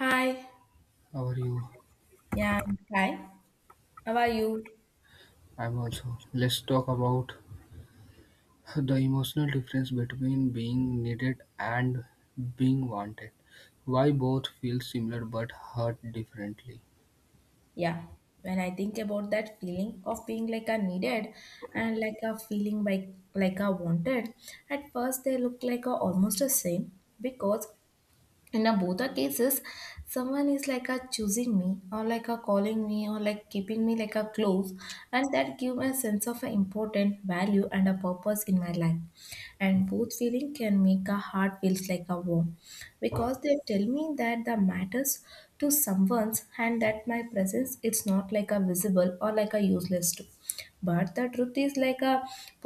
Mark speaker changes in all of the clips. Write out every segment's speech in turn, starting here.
Speaker 1: Hi.
Speaker 2: How are you?
Speaker 1: Yeah. Hi. How are you?
Speaker 2: I'm also. Let's talk about the emotional difference between being needed and being wanted. Why both feel similar but hurt differently.
Speaker 1: Yeah. When I think about that feeling of being like a needed and like a feeling like a wanted, at first they look like a almost the same because And in a both the cases someone is like a choosing me or like a calling me or like keeping me like a close, and that give me a sense of a important value and a purpose in my life, and both feeling can make a heart feels like a warm because they tell me that the matters to someone's, and that my presence it's not like a visible or like a useless too. But the truth is like a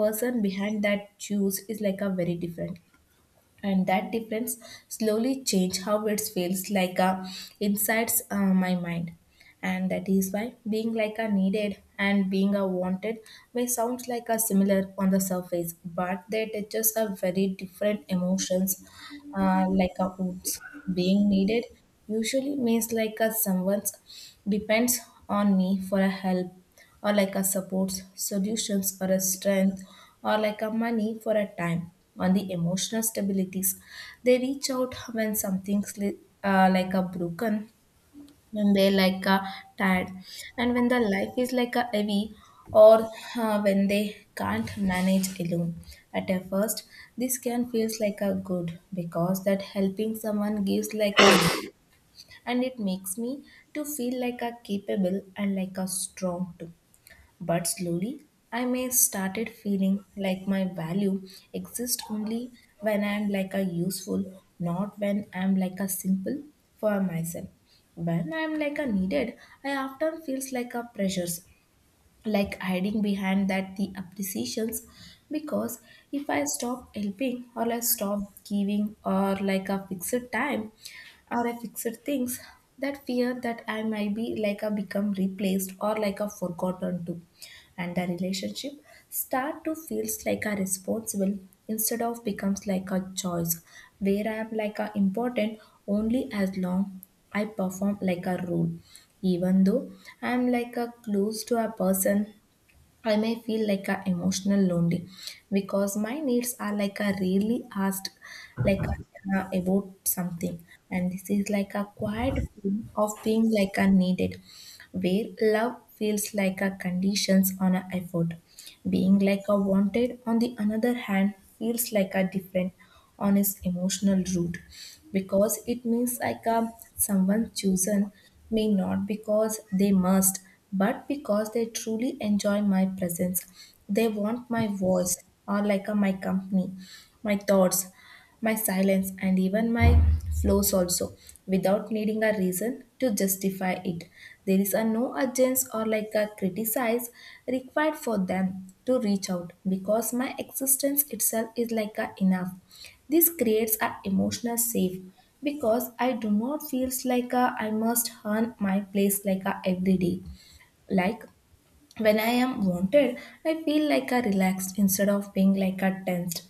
Speaker 1: person behind that choose is like a very different, and that difference slowly changed how it feels like inside my mind. And that is why being like a needed and being a wanted may sound like a similar on the surface but they touches a very different emotions, like a wounds. Being needed usually means like a someone's depends on me for a help or like a support solutions or a strength or like a money for a time on the emotional stabilities. They reach out when something's like a broken, when they like tired, and when the life is like a heavy, or when they can't manage alone. At a first this can feels like a good because that helping someone gives like a, and it makes me to feel like a capable and like a strong too. But slowly, I may started feeling like my value exists only when I am like a useful, not when I am like a simple for myself. When I am like a needed, I often feels like a pressures, like hiding behind that the appreciations, because if I stop helping or I stop giving or like a fixed time, or I fixed things, that fear that I might be like a become replaced or like a forgotten too, and the relationship start to feels like a responsible instead of becomes like a choice, where I am like a important only as long I perform like a role. Even though I am like a close to a person, I may feel like a emotional lonely because my needs are like a really asked, like about something. And this is like a quiet feeling of being like a needed, where love feels like a conditions on a effort. Being like a wanted, on the another hand, feels like a different on its emotional route, because it means like a someone chosen may not because they must, but because they truly enjoy my presence. They want my voice or like a, my company, my thoughts, my silence, and even my flaws also, without needing a reason to justify it. There is a no urgency or like a criticize required for them to reach out, because my existence itself is like a enough. This creates a emotional safe, because I do not feels like a, I must earn my place like a every day. Like when I am wanted, I feel like a relaxed instead of being like a tensed,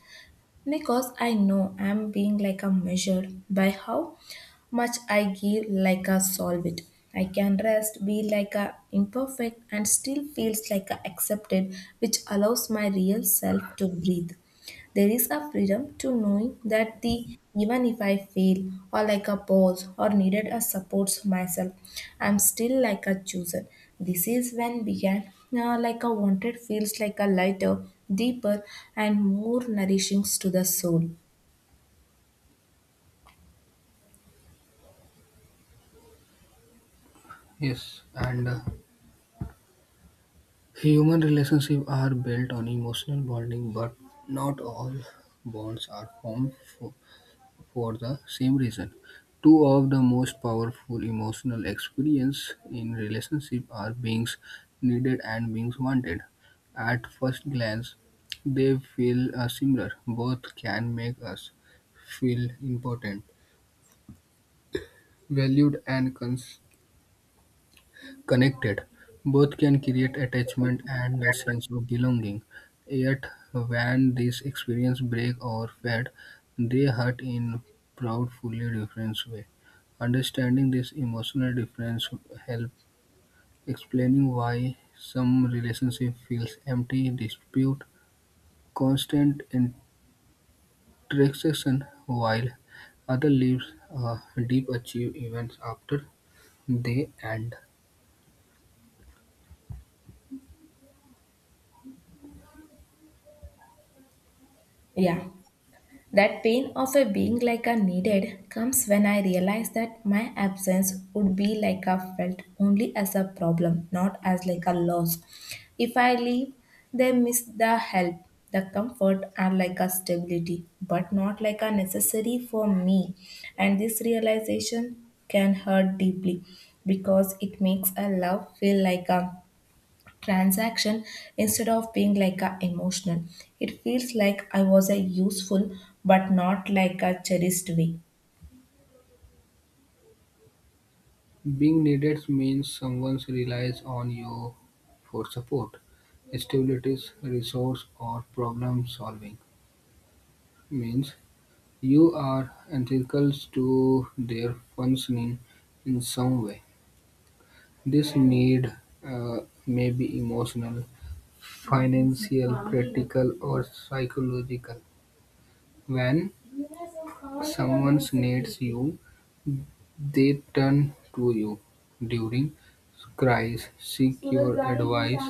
Speaker 1: because I know I'm being like a measured by how much I give like a solve it. I can rest, be like a imperfect and still feels like a accepted, which allows my real self to breathe. There is a freedom to knowing that the even if I fail or like a pause or needed a support myself, I'm still like a chooser. This is when began like a wanted feels like a lighter, deeper, and more nourishing to the soul.
Speaker 2: Yes, and human relationships are built on emotional bonding, but not all bonds are formed for the same reason. Two of the most powerful emotional experiences in relationship are being needed and being wanted. At first glance, they feel similar. Both can make us feel important, valued, and connected. Both can create attachment and a sense of belonging. Yet, when these experiences break or fade, they hurt in profoundly different way. Understanding this emotional difference help explaining why some relationship feels empty, dispute, constant interaction, while other leaves a deep achieve events after they end.
Speaker 1: Yeah. That pain of a being like a needed comes when I realize that my absence would be like a felt only as a problem, not as like a loss. If I leave, they miss the help, the comfort, and like a stability, but not like a necessary for me. And this realization can hurt deeply, because it makes a love feel like a transaction instead of being like a emotional. It feels like I was a useful but not like a cherished way.
Speaker 2: Being needed means someone relies on you for support, stability, resource, or problem solving. Means you are integral to their functioning in some way. This need uh, may be emotional, financial, practical, or psychological. When someone needs you, they turn to you during crises, seek your advice,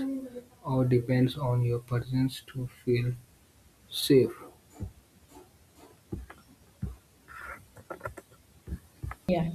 Speaker 2: or depends on your presence to feel safe.
Speaker 1: Yeah.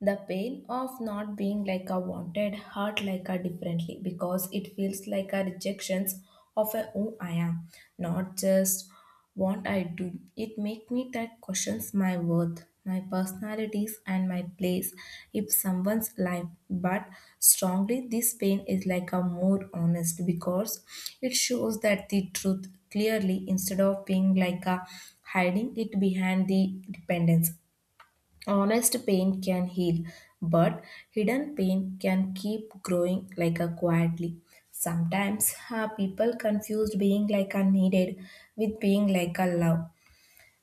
Speaker 1: The pain of not being like a wanted hurt like a differently, because it feels like a rejections of a who I am, not just what I do. It make me that questions my worth, my personalities and my place if someone's life. But strongly this pain is like a more honest, because it shows that the truth clearly instead of being like a hiding it behind the dependence. Honest pain can heal, but hidden pain can keep growing like a quietly. Sometimes people confused being like a needed with being like a love,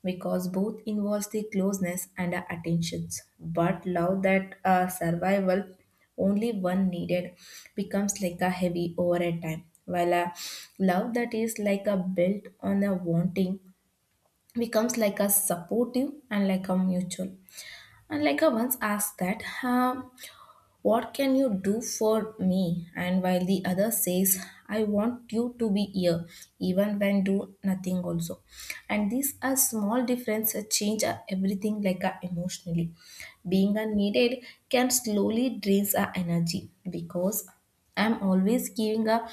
Speaker 1: because both involves the closeness and attentions. But love that survival only one needed becomes like a heavy over a time, while a love that is like a built on a wanting becomes like a supportive and like a mutual. And like I once asked that, what can you do for me? And while the other says, I want you to be here, even when do nothing also. And these are small differences change everything like emotionally. Being unneeded can slowly drains our energy, because I'm always giving a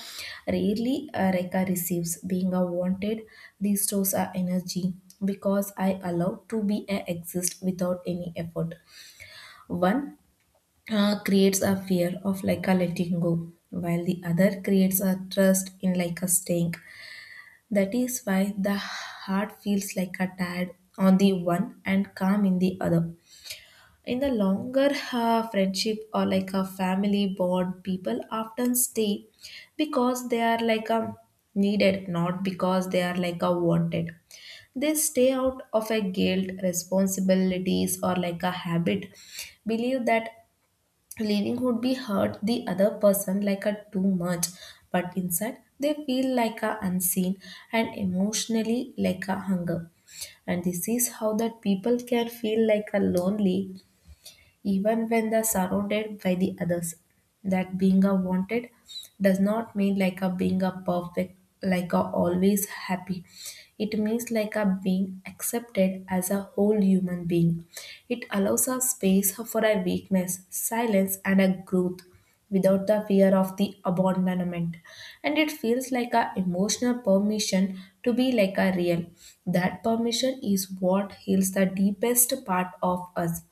Speaker 1: rarely a Reka receives. Being a wanted restores our energy, because I allow to be a exist without any effort. One creates a fear of like a letting go, while the other creates a trust in like a staying. That is why the heart feels like a tired on the one and calm in the other. In the longer friendship or like a family bond, people often stay because they are like a needed, not because they are like a wanted. They stay out of a guilt, responsibilities, or like a habit. Believe that leaving would be hurt the other person like a too much, but inside they feel like a unseen and emotionally like a hunger. And this is how that people can feel like a lonely even when they're surrounded by the others. That being a wanted does not mean like a being a perfect, like a always happy. It means like a being accepted as a whole human being. It allows a space for a weakness, silence, and a growth without the fear of the abandonment, and it feels like a emotional permission to be like a real. That permission is what heals the deepest part of us.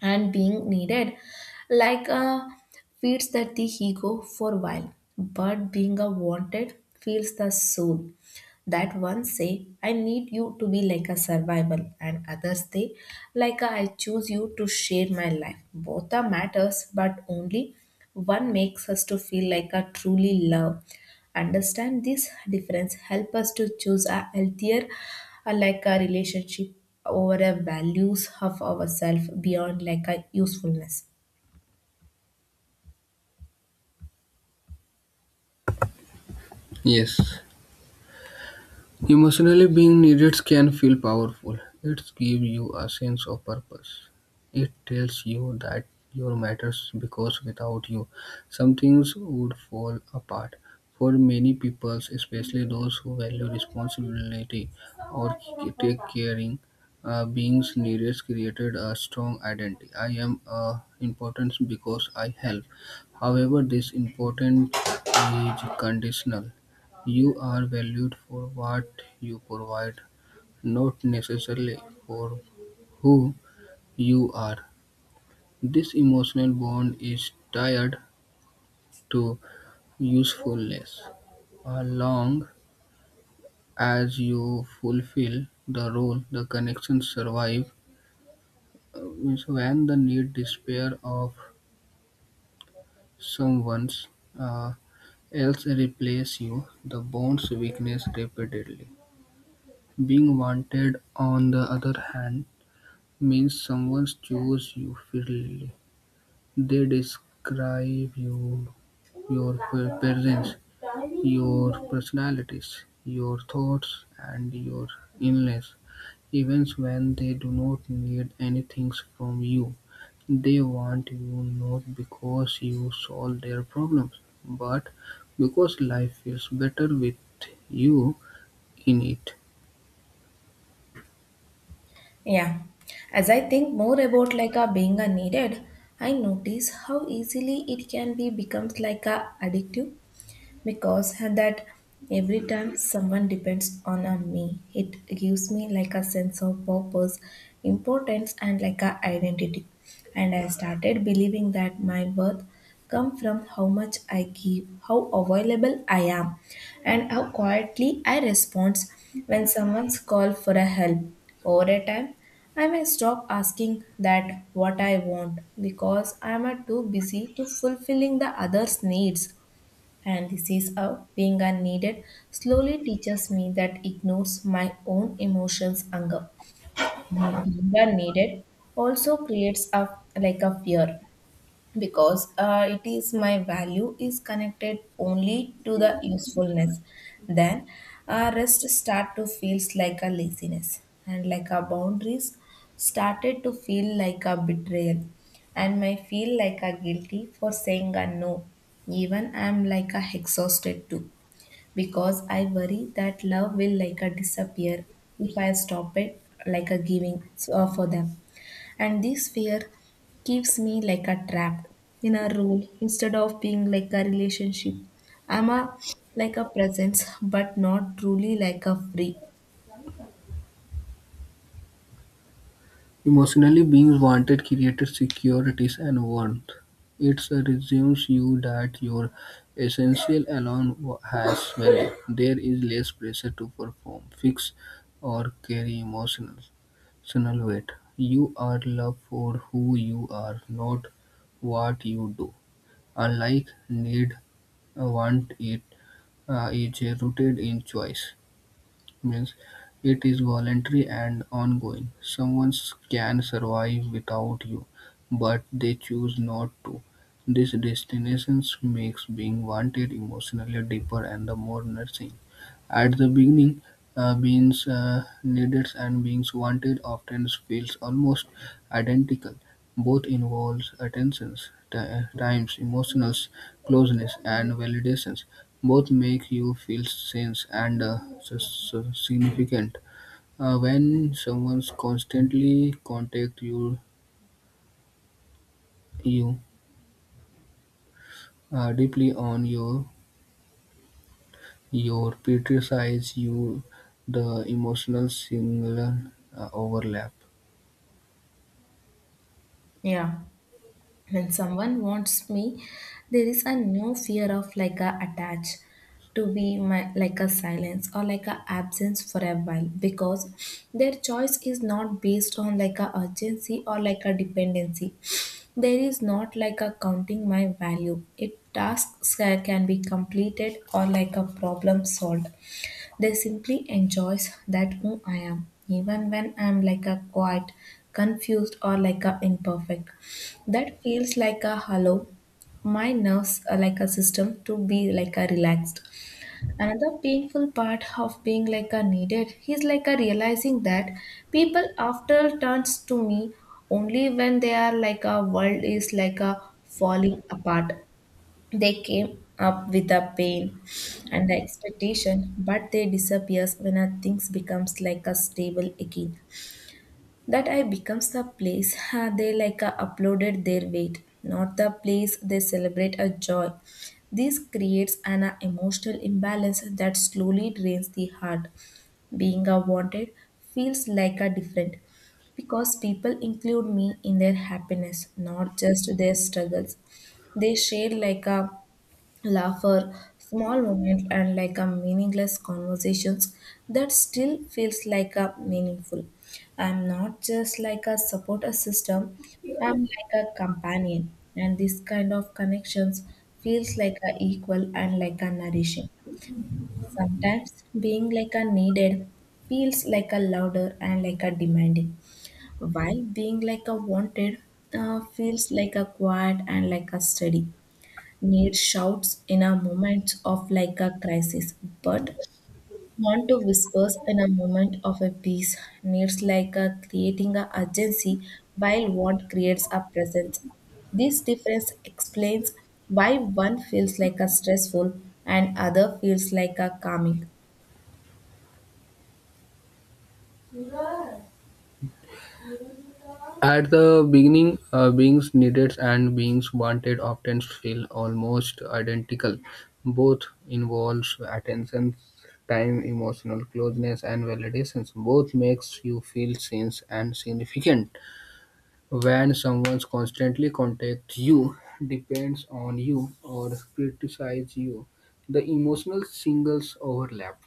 Speaker 1: And being needed like feeds that the ego for a while, but being a wanted feels the soul. That one say, I need you to be like a survival, and others say, like a, I choose you to share my life. Both are matters, but only one makes us to feel like a truly love. Understand this difference help us to choose a healthier, like a relationship over a values of ourself beyond like a usefulness.
Speaker 2: Yes. Emotionally being needed can feel powerful. It gives you a sense of purpose. It tells you that you matters because without you, some things would fall apart. For many people, especially those who value responsibility or take caring, beings needed created a strong identity. I am important because I help. However, this important is conditional. You are valued for what you provide, not necessarily for who you are. This emotional bond is tied to usefulness. As long as you fulfill the role, the connection survives. Means when the need despair of someone's uh, else replace you, the bond's weakness repeatedly. Being wanted, on the other hand, means someone chose you freely. They describe you, your presence, your personalities, your thoughts, and your illness. Even when they do not need anything from you, they want you not because you solve their problems, but because life feels better with you in it.
Speaker 1: Yeah, as I think more about like a being a needed, I notice how easily it can be becomes like a addictive, because that every time someone depends on a me it gives me like a sense of purpose, importance, and like a identity. And I started believing that my worth come from how much I give, how available I am, and how quietly I respond when someone's call for a help. Over a time I may stop asking that what I want because I am too busy to fulfilling the others' needs, and this is a being unneeded slowly teaches me that ignores my own emotions anger. Being unneeded also creates a like a fear, because it is my value is connected only to the usefulness, then rest start to feels like a laziness, and like a boundaries started to feel like a betrayal, and may feel like a guilty for saying a no even I'm like a exhausted too, because I worry that love will like a disappear if I stop it like a giving for them. And this fear keeps me like a trapped in a role instead of being like a relationship. I'm a like a presence but not truly like a free.
Speaker 2: Emotionally, beings wanted created securities and warmth. It resumes you that your essential alone has value. There is less pressure to perform, fix, or carry emotional weight. You are loved for who you are, not what you do. Unlike need, want it is rooted in choice means it is voluntary and ongoing. Someone can survive without you, but they choose not to. This destination makes being wanted emotionally deeper and the more nourishing. At the beginning, beings needed and beings wanted often feels almost identical. Both involves attentions, times, emotional closeness, and validations. Both make you feel sense and significant. When someone's constantly contact you, you deeply on your criticize you the emotional signal overlap.
Speaker 1: Yeah. When someone wants me, there is a no fear of like a attach to be my like a silence or like a absence for a while, because their choice is not based on like a urgency or like a dependency. There is not like a counting my value it tasks can be completed or like a problem solved. They simply enjoys that who I am even when I'm like a quiet, confused or like a imperfect. That feels like a hollow. My nerves are like a system to be like a relaxed. Another painful part of being like a needed is like a realizing that people after turns to me only when they are like a world is like a falling apart. They came up with a pain and the expectation, but they disappears when a things becomes like a stable again, that I becomes the place they like uploaded their weight, not the place they celebrate a joy. This creates an emotional imbalance that slowly drains the heart. Being a wanted feels like a different because people include me in their happiness, not just their struggles. They share like a laugh for small moments and like a meaningless conversations that still feels like a meaningful. I'm not just like a supporter system, I'm like a companion, and this kind of connections feels like a equal and like a nourishing. Sometimes being like a needed feels like a louder and like a demanding, while being like a wanted feels like a quiet and like a steady. Need shouts in a moment of like a crisis, but want to whispers in a moment of a peace. Needs like a creating a urgency, while want creates a presence. This difference explains why one feels like a stressful and other feels like a calming.
Speaker 2: At the beginning, beings needed and beings wanted often feel almost identical. Both involves attention, time, emotional closeness, and validations. Both makes you feel seen and significant. When someone constantly contacts you, depends on you, or criticizes you, the emotional singles overlap.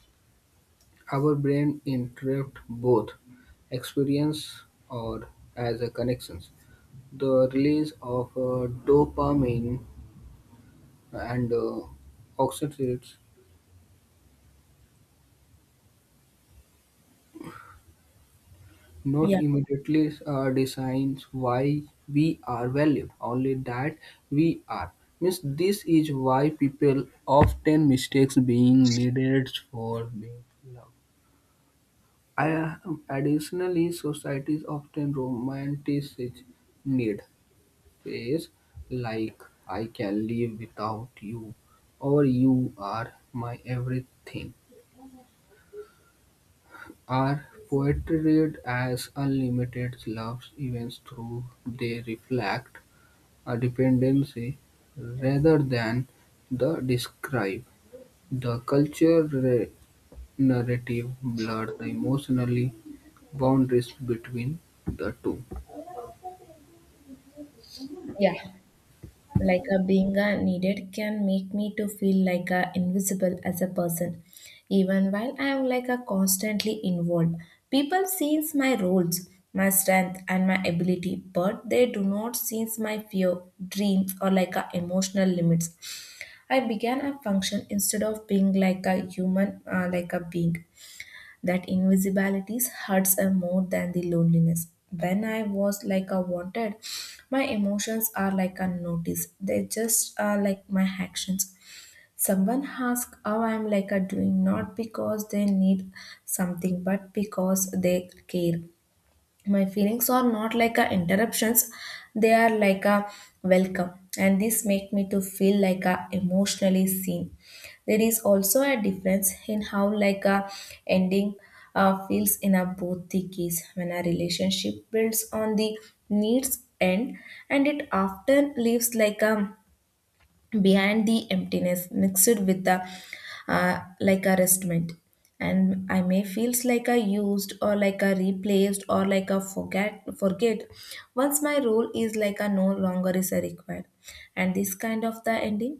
Speaker 2: Our brain interpret both experience or as a connection the release of dopamine and oxytocin not
Speaker 1: Yeah,
Speaker 2: immediately decides why we are valued, only that we are. Means this is why people often mistakes being needed for being loved. I, additionally, societies often romanticize need phase like I can live without you or you are my everything are portrayed as unlimited love events through they reflect a dependency rather than the describe. The cultural narrative blurs the emotionally boundaries between the two.
Speaker 1: yeah. Like a being a needed can make me to feel like a invisible as a person, even while I am like a constantly involved. People sees my roles, my strength, and my ability, but they do not sees my fear, dreams, or like a emotional limits. I began a function instead of being like a human like a being. That invisibilities hurts her more than the loneliness. When I was like a wanted, my emotions are like unnoticed. They just are like my actions. Someone asks how I'm like a doing, not because they need something, but because they care. My feelings are not like a interruptions, they are like a welcome, and this make me to feel like a emotionally seen. There is also a difference in how like a ending feels in a both the case. When a relationship builds on the needs end, and it often leaves like a behind the emptiness mixed with the like a restment, and I may feels like a used or like a replaced or like a forget once my role is like a no longer is a required, and this kind of the ending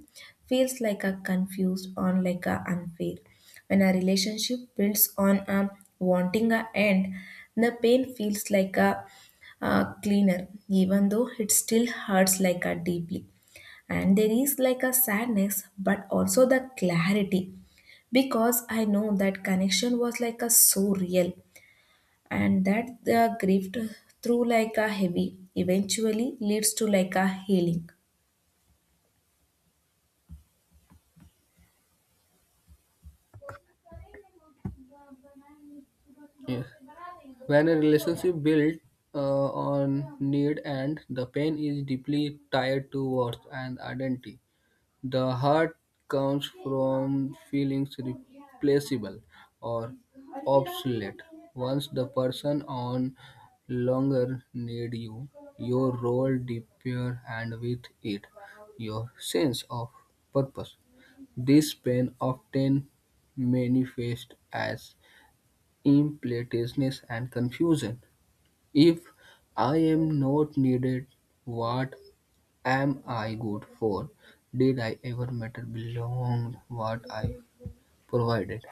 Speaker 1: feels like a confused or like a unfair. When a relationship builds on a wanting a end, the pain feels like a cleaner, even though it still hurts like a deeply, and there is like a sadness but also the clarity, because I know that connection was like a so real, and that the grief, through like a heavy, eventually leads to like a healing.
Speaker 2: Yes. When a relationship built uh, on need and the pain is deeply tied to worth and identity. The hurt comes from feeling replaceable or obsolete. Once the person on longer need you, your role disappears and with it, your sense of purpose. This pain often manifests as impotence and confusion. If I am not needed, what am I good for? Did I ever matter beyond what I provided?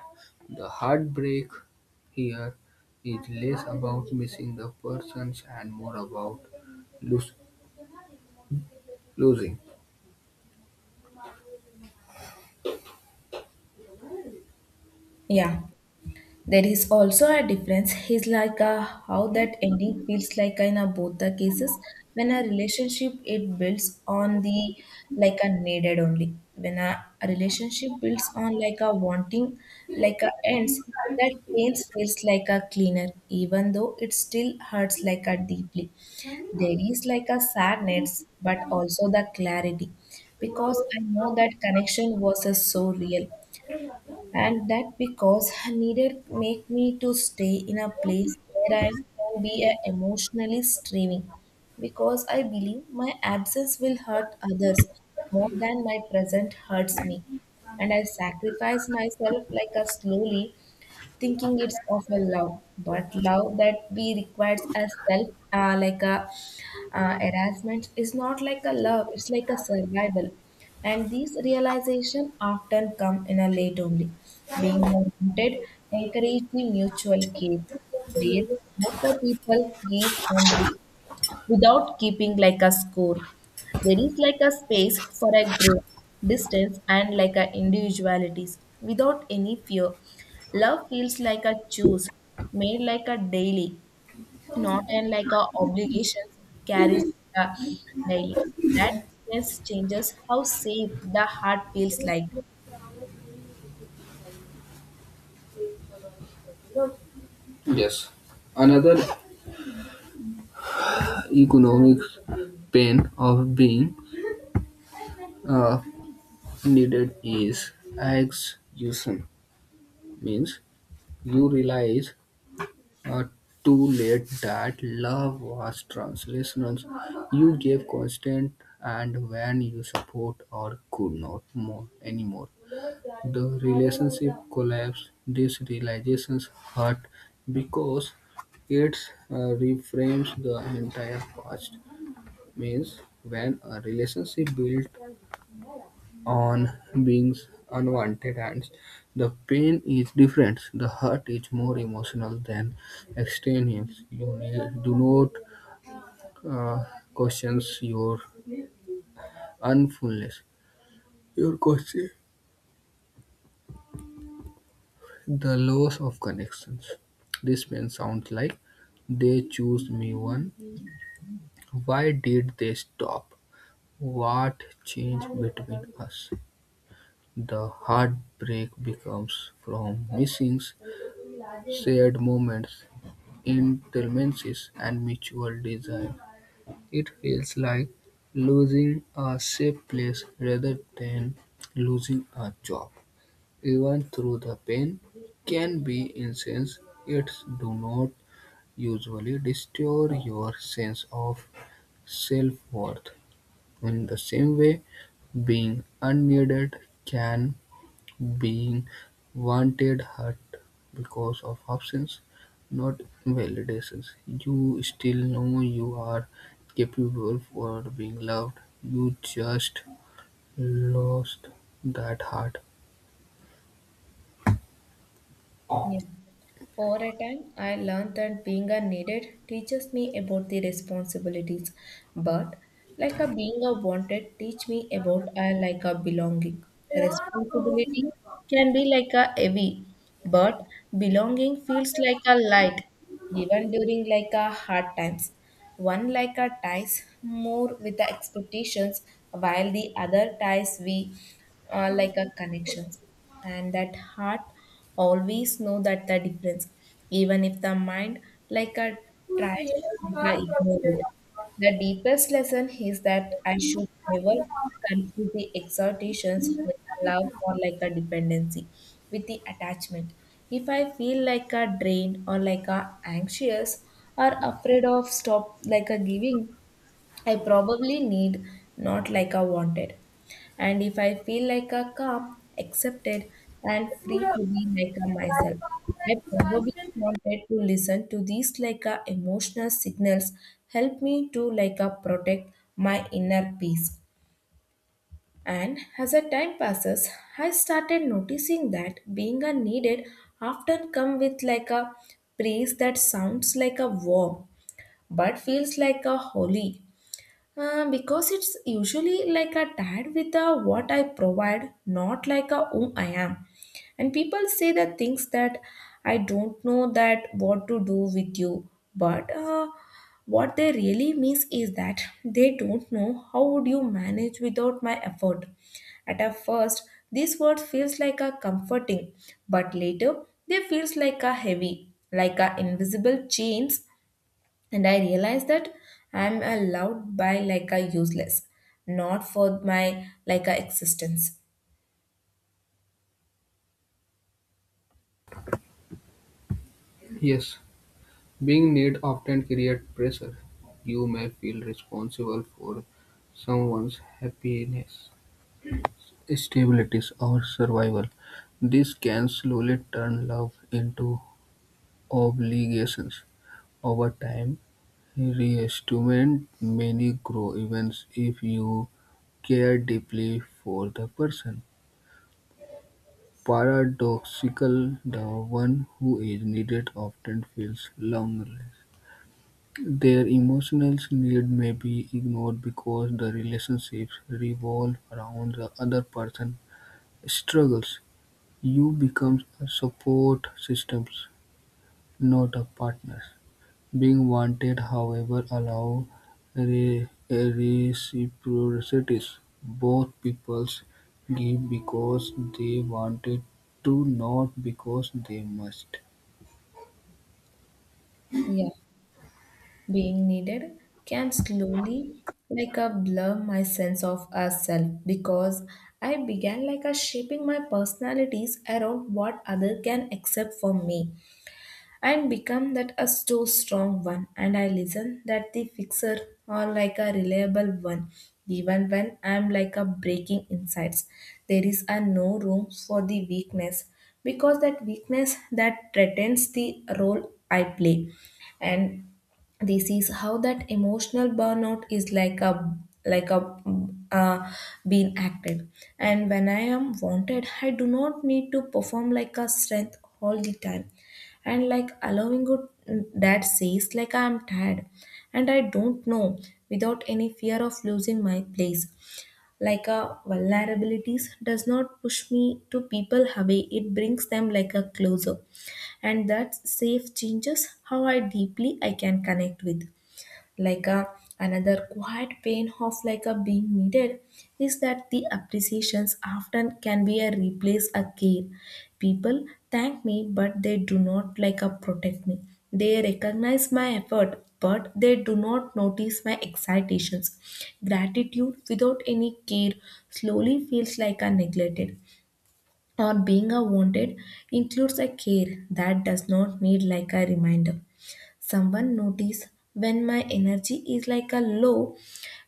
Speaker 2: The heartbreak here is less about missing the persons and more about lose, losing.
Speaker 1: Yeah. There is also a difference. It's like a, how that ending feels like in a, both the cases. When a relationship it builds on the like a needed only. When a relationship builds on like a wanting, like a ends, that pains feels like a cleaner, even though it still hurts like a deeply. There is like a sadness, but also the clarity, because I know that connection was a so real, and that because neither make me to stay in a place where I can be a emotionally streaming, because I believe my absence will hurt others more than my present hurts me, and I sacrifice myself like a slowly, thinking it's of a love, but love that we requires a self, like a harassment, is not like a love. It's like a survival, and these realization often come in a late only. Being wanted encourage the mutual care, where both the people gives and without keeping like a score. There is like a space for a growth, distance, and like a individualities without any fear. Love feels like a choice made like a daily, not an like a obligation carries like a daily. That difference changes how safe the heart feels like.
Speaker 2: Yes. Another economic pain of being uh, needed is exhaustion. Means you realize Uh, too late that love was translational. You gave constant and when you support or could not more anymore. The relationship collapsed. These realizations hurt because it reframes the entire past. Means when a relationship built on being unwanted and the pain is different. The hurt is more emotional than extraneous. You need, do not question your unfulness. Your question the loss of connections. This man sounds like they choose me one. Why did they stop? What changed between us? The heartbreak becomes from missing shared moments in and mutual desire. It feels like losing a safe place rather than losing a job. Even though the pain can be intense, it do not usually destroy your sense of self-worth. In the same way, being unneeded can being "wanted" hurt because of absence, not validations. You still know you are capable for being loved, you just lost that heart.
Speaker 1: Yeah, over a time, I learned that being a needed teaches me about the responsibilities, but like a being a wanted teach me about I like a belonging. Responsibility can be like a heavy, but belonging feels like a light, even during like a hard times. One like a ties more with the expectations, while the other ties we like a connections, and that heart always know that the difference, even if the mind like a tries to like a ignore it. The deepest lesson is that I should never confuse the exhortations with a love or like a dependency with the attachment. If I feel like a drained or like a anxious or afraid of stop like a giving, I probably need, not like I wanted. And if I feel like a calm, accepted, and free to be like a myself, I probably wanted to listen to these like a emotional signals help me to like a protect my inner peace. And as the time passes, I started noticing that being a needed often come with like a praise that sounds like a warm but feels like a holy because it's usually like a tag with a what I provide, not like a whom I am. And people say the things that I don't know that what to do with you, but what they really means is that they don't know how would you manage without my effort. At a first, this word feels like a comforting, but later they feels like a heavy, like a invisible chains, and I realized that I'm allowed by like a useless, not for my like a existence.
Speaker 2: Yes, being need often create pressure. You may feel responsible for someone's happiness, stability, or survival. This can slowly turn love into obligations. Over time, reestimate many grow events if you care deeply for the person. Paradoxical, the one who is needed often feels lonely. Their emotional need may be ignored because the relationships revolve around the other person's struggles. You become a support system, not a partner. Being wanted, however, allows reciprocity; both peoples give because they wanted to, not because they must.
Speaker 1: Yeah, being needed can slowly like a blur my sense of a self, because I began like a shaping my personalities around what other can accept from me, and become that a so strong one, and I listen that the fixer or like a reliable one, even when I'm like a breaking insides. There is a no room for the weakness, because that weakness that threatens the role I play. And this is how that emotional burnout is like a uh, being acted. And when I am wanted, I do not need to perform like a strength all the time, and like allowing good that says like I am tired and I don't know, without any fear of losing my place. Like a vulnerabilities does not push me to people away, it brings them like a closer, and that safe changes how I deeply I can connect with like a another. Quiet pain of like a being needed is that the appreciations often can be a replace a care. People thank me but they do not like a protect me. They recognize my effort but they do not notice my excitations. Gratitude without any care slowly feels like a neglected, or being a wanted includes a care that does not need like a reminder. Someone notice when my energy is like a low,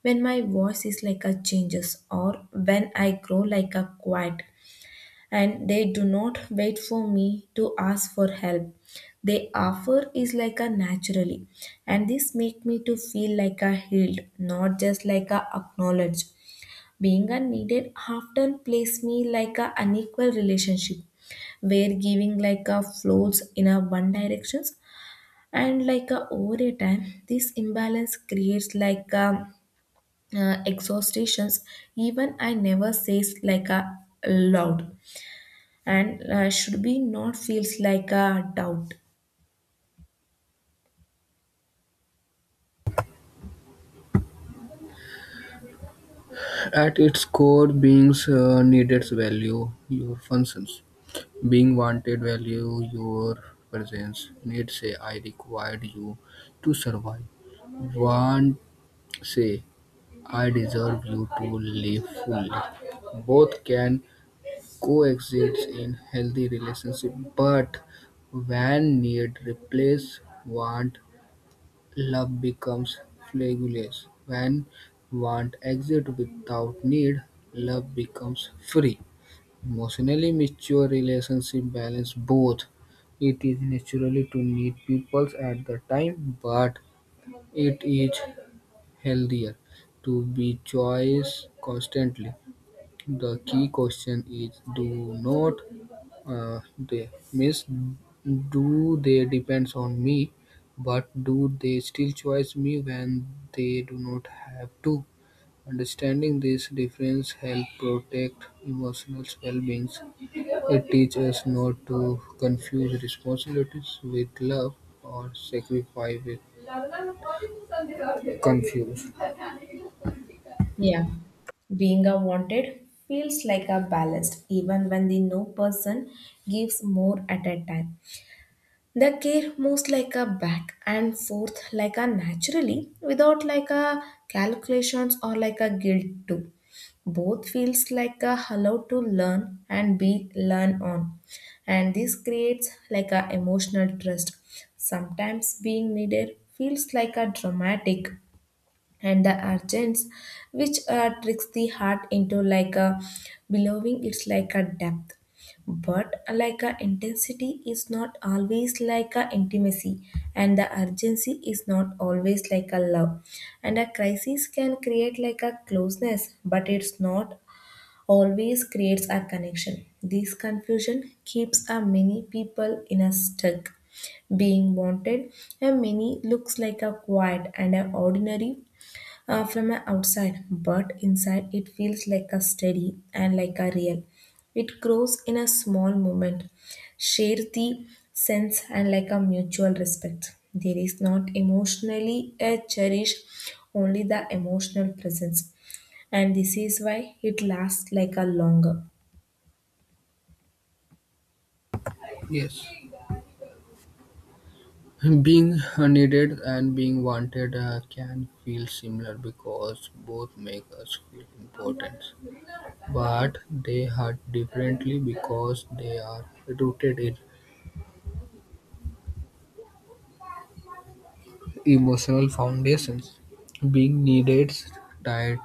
Speaker 1: when my voice is like a changes, or when I grow like a quiet. And they do not wait for me to ask for help. They offer is like a naturally, and this make me to feel like a healed, not just like a acknowledged. Being unneeded often place me like a unequal relationship where giving like a flows in a one directions, and like over a time this imbalance creates like exhaustations, even I never says like a loud, and should be not feels like a doubt.
Speaker 2: At its core, beings being needed value. Your functions. Being wanted value your presence. Need say "I required you to survive." Want say "I deserve you to live fully." Both can coexists in healthy relationships, but when need replaces want, love becomes flageless; when want exists without need, love becomes free. Emotionally mature relationship balance both. It is natural to need people at the time, but it is healthier to be choice constantly. The key question is do not they miss do they depends on me, but do they still choose me when they do not have to? Understanding this difference help protect emotional well-being. It teaches us not to confuse responsibilities with love or sacrifice with confuse.
Speaker 1: Yeah, being a wanted feels like a balanced, even when the no person gives more at a time. The care moves like a back and forth like a naturally, without like a calculations or like a guilt too. Both feels like a allowed to learn and be learned on. And this creates like a emotional trust. Sometimes being needed feels like a dramatic and the urgents, which tricks the heart into like a believing it's like a depth, but like a intensity is not always like a intimacy, and the urgency is not always like a love, and a crisis can create like a closeness but it's not always creates a connection. This confusion keeps a many people in a stuck. Being wanted and many looks like a quiet and an ordinary from a outside, but inside it feels like a steady and like a real. It grows in a small moment, share the sense and like a mutual respect. There is not emotionally a cherish, only the emotional presence, and this is why it lasts like a longer.
Speaker 2: Yes. Being needed and being wanted can feel similar because both make us feel important, but they hurt differently because they are rooted in emotional foundations. Being needed tied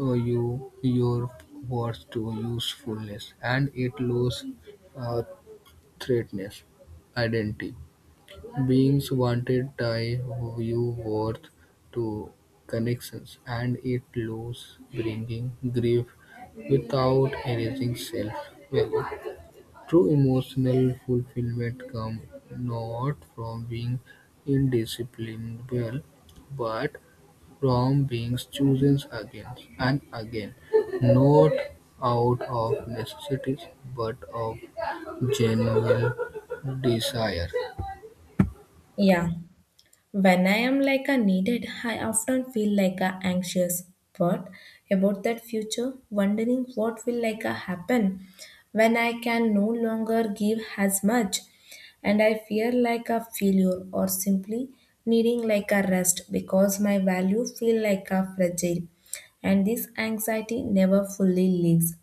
Speaker 2: you your worth to usefulness, and it loses uh, threatness identity. Beings wanted tie Vue-worth to connections, and it lost, bringing grief without anything self-value. True emotional fulfillment comes not from being indiscernible, but from being chosen again and again, not out of necessity, but of genuine desire.
Speaker 1: Yeah. When I am like a needed, I often feel like a anxious. What about that future? Wondering what will like a happen when I can no longer give as much, and I fear like a failure or simply needing like a rest, because my value feel like a fragile, and this anxiety never fully leaves,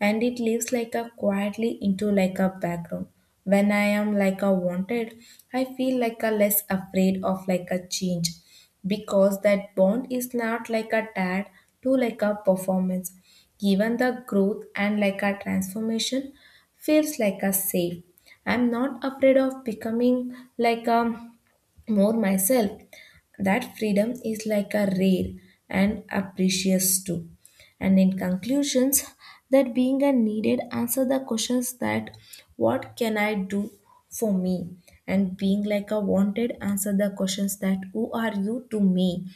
Speaker 1: and it lives like a quietly into like a background. When I am like a wanted, I feel like a less afraid of like a change, because that bond is not like a tad to like a performance. Even the growth and like a transformation feels like a safe. I'm not afraid of becoming like a more myself. That freedom is like a rare and a precious too. And in conclusions, that being a needed answer the questions that what can I do for me? And being like a wanted answer the questions that who are you to me?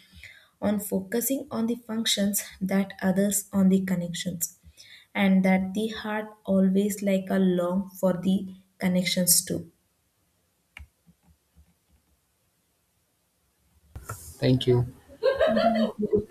Speaker 1: On focusing on the functions that others on the connections, and that the heart always like a long for the connections too.
Speaker 2: Thank you.
Speaker 1: Thank you.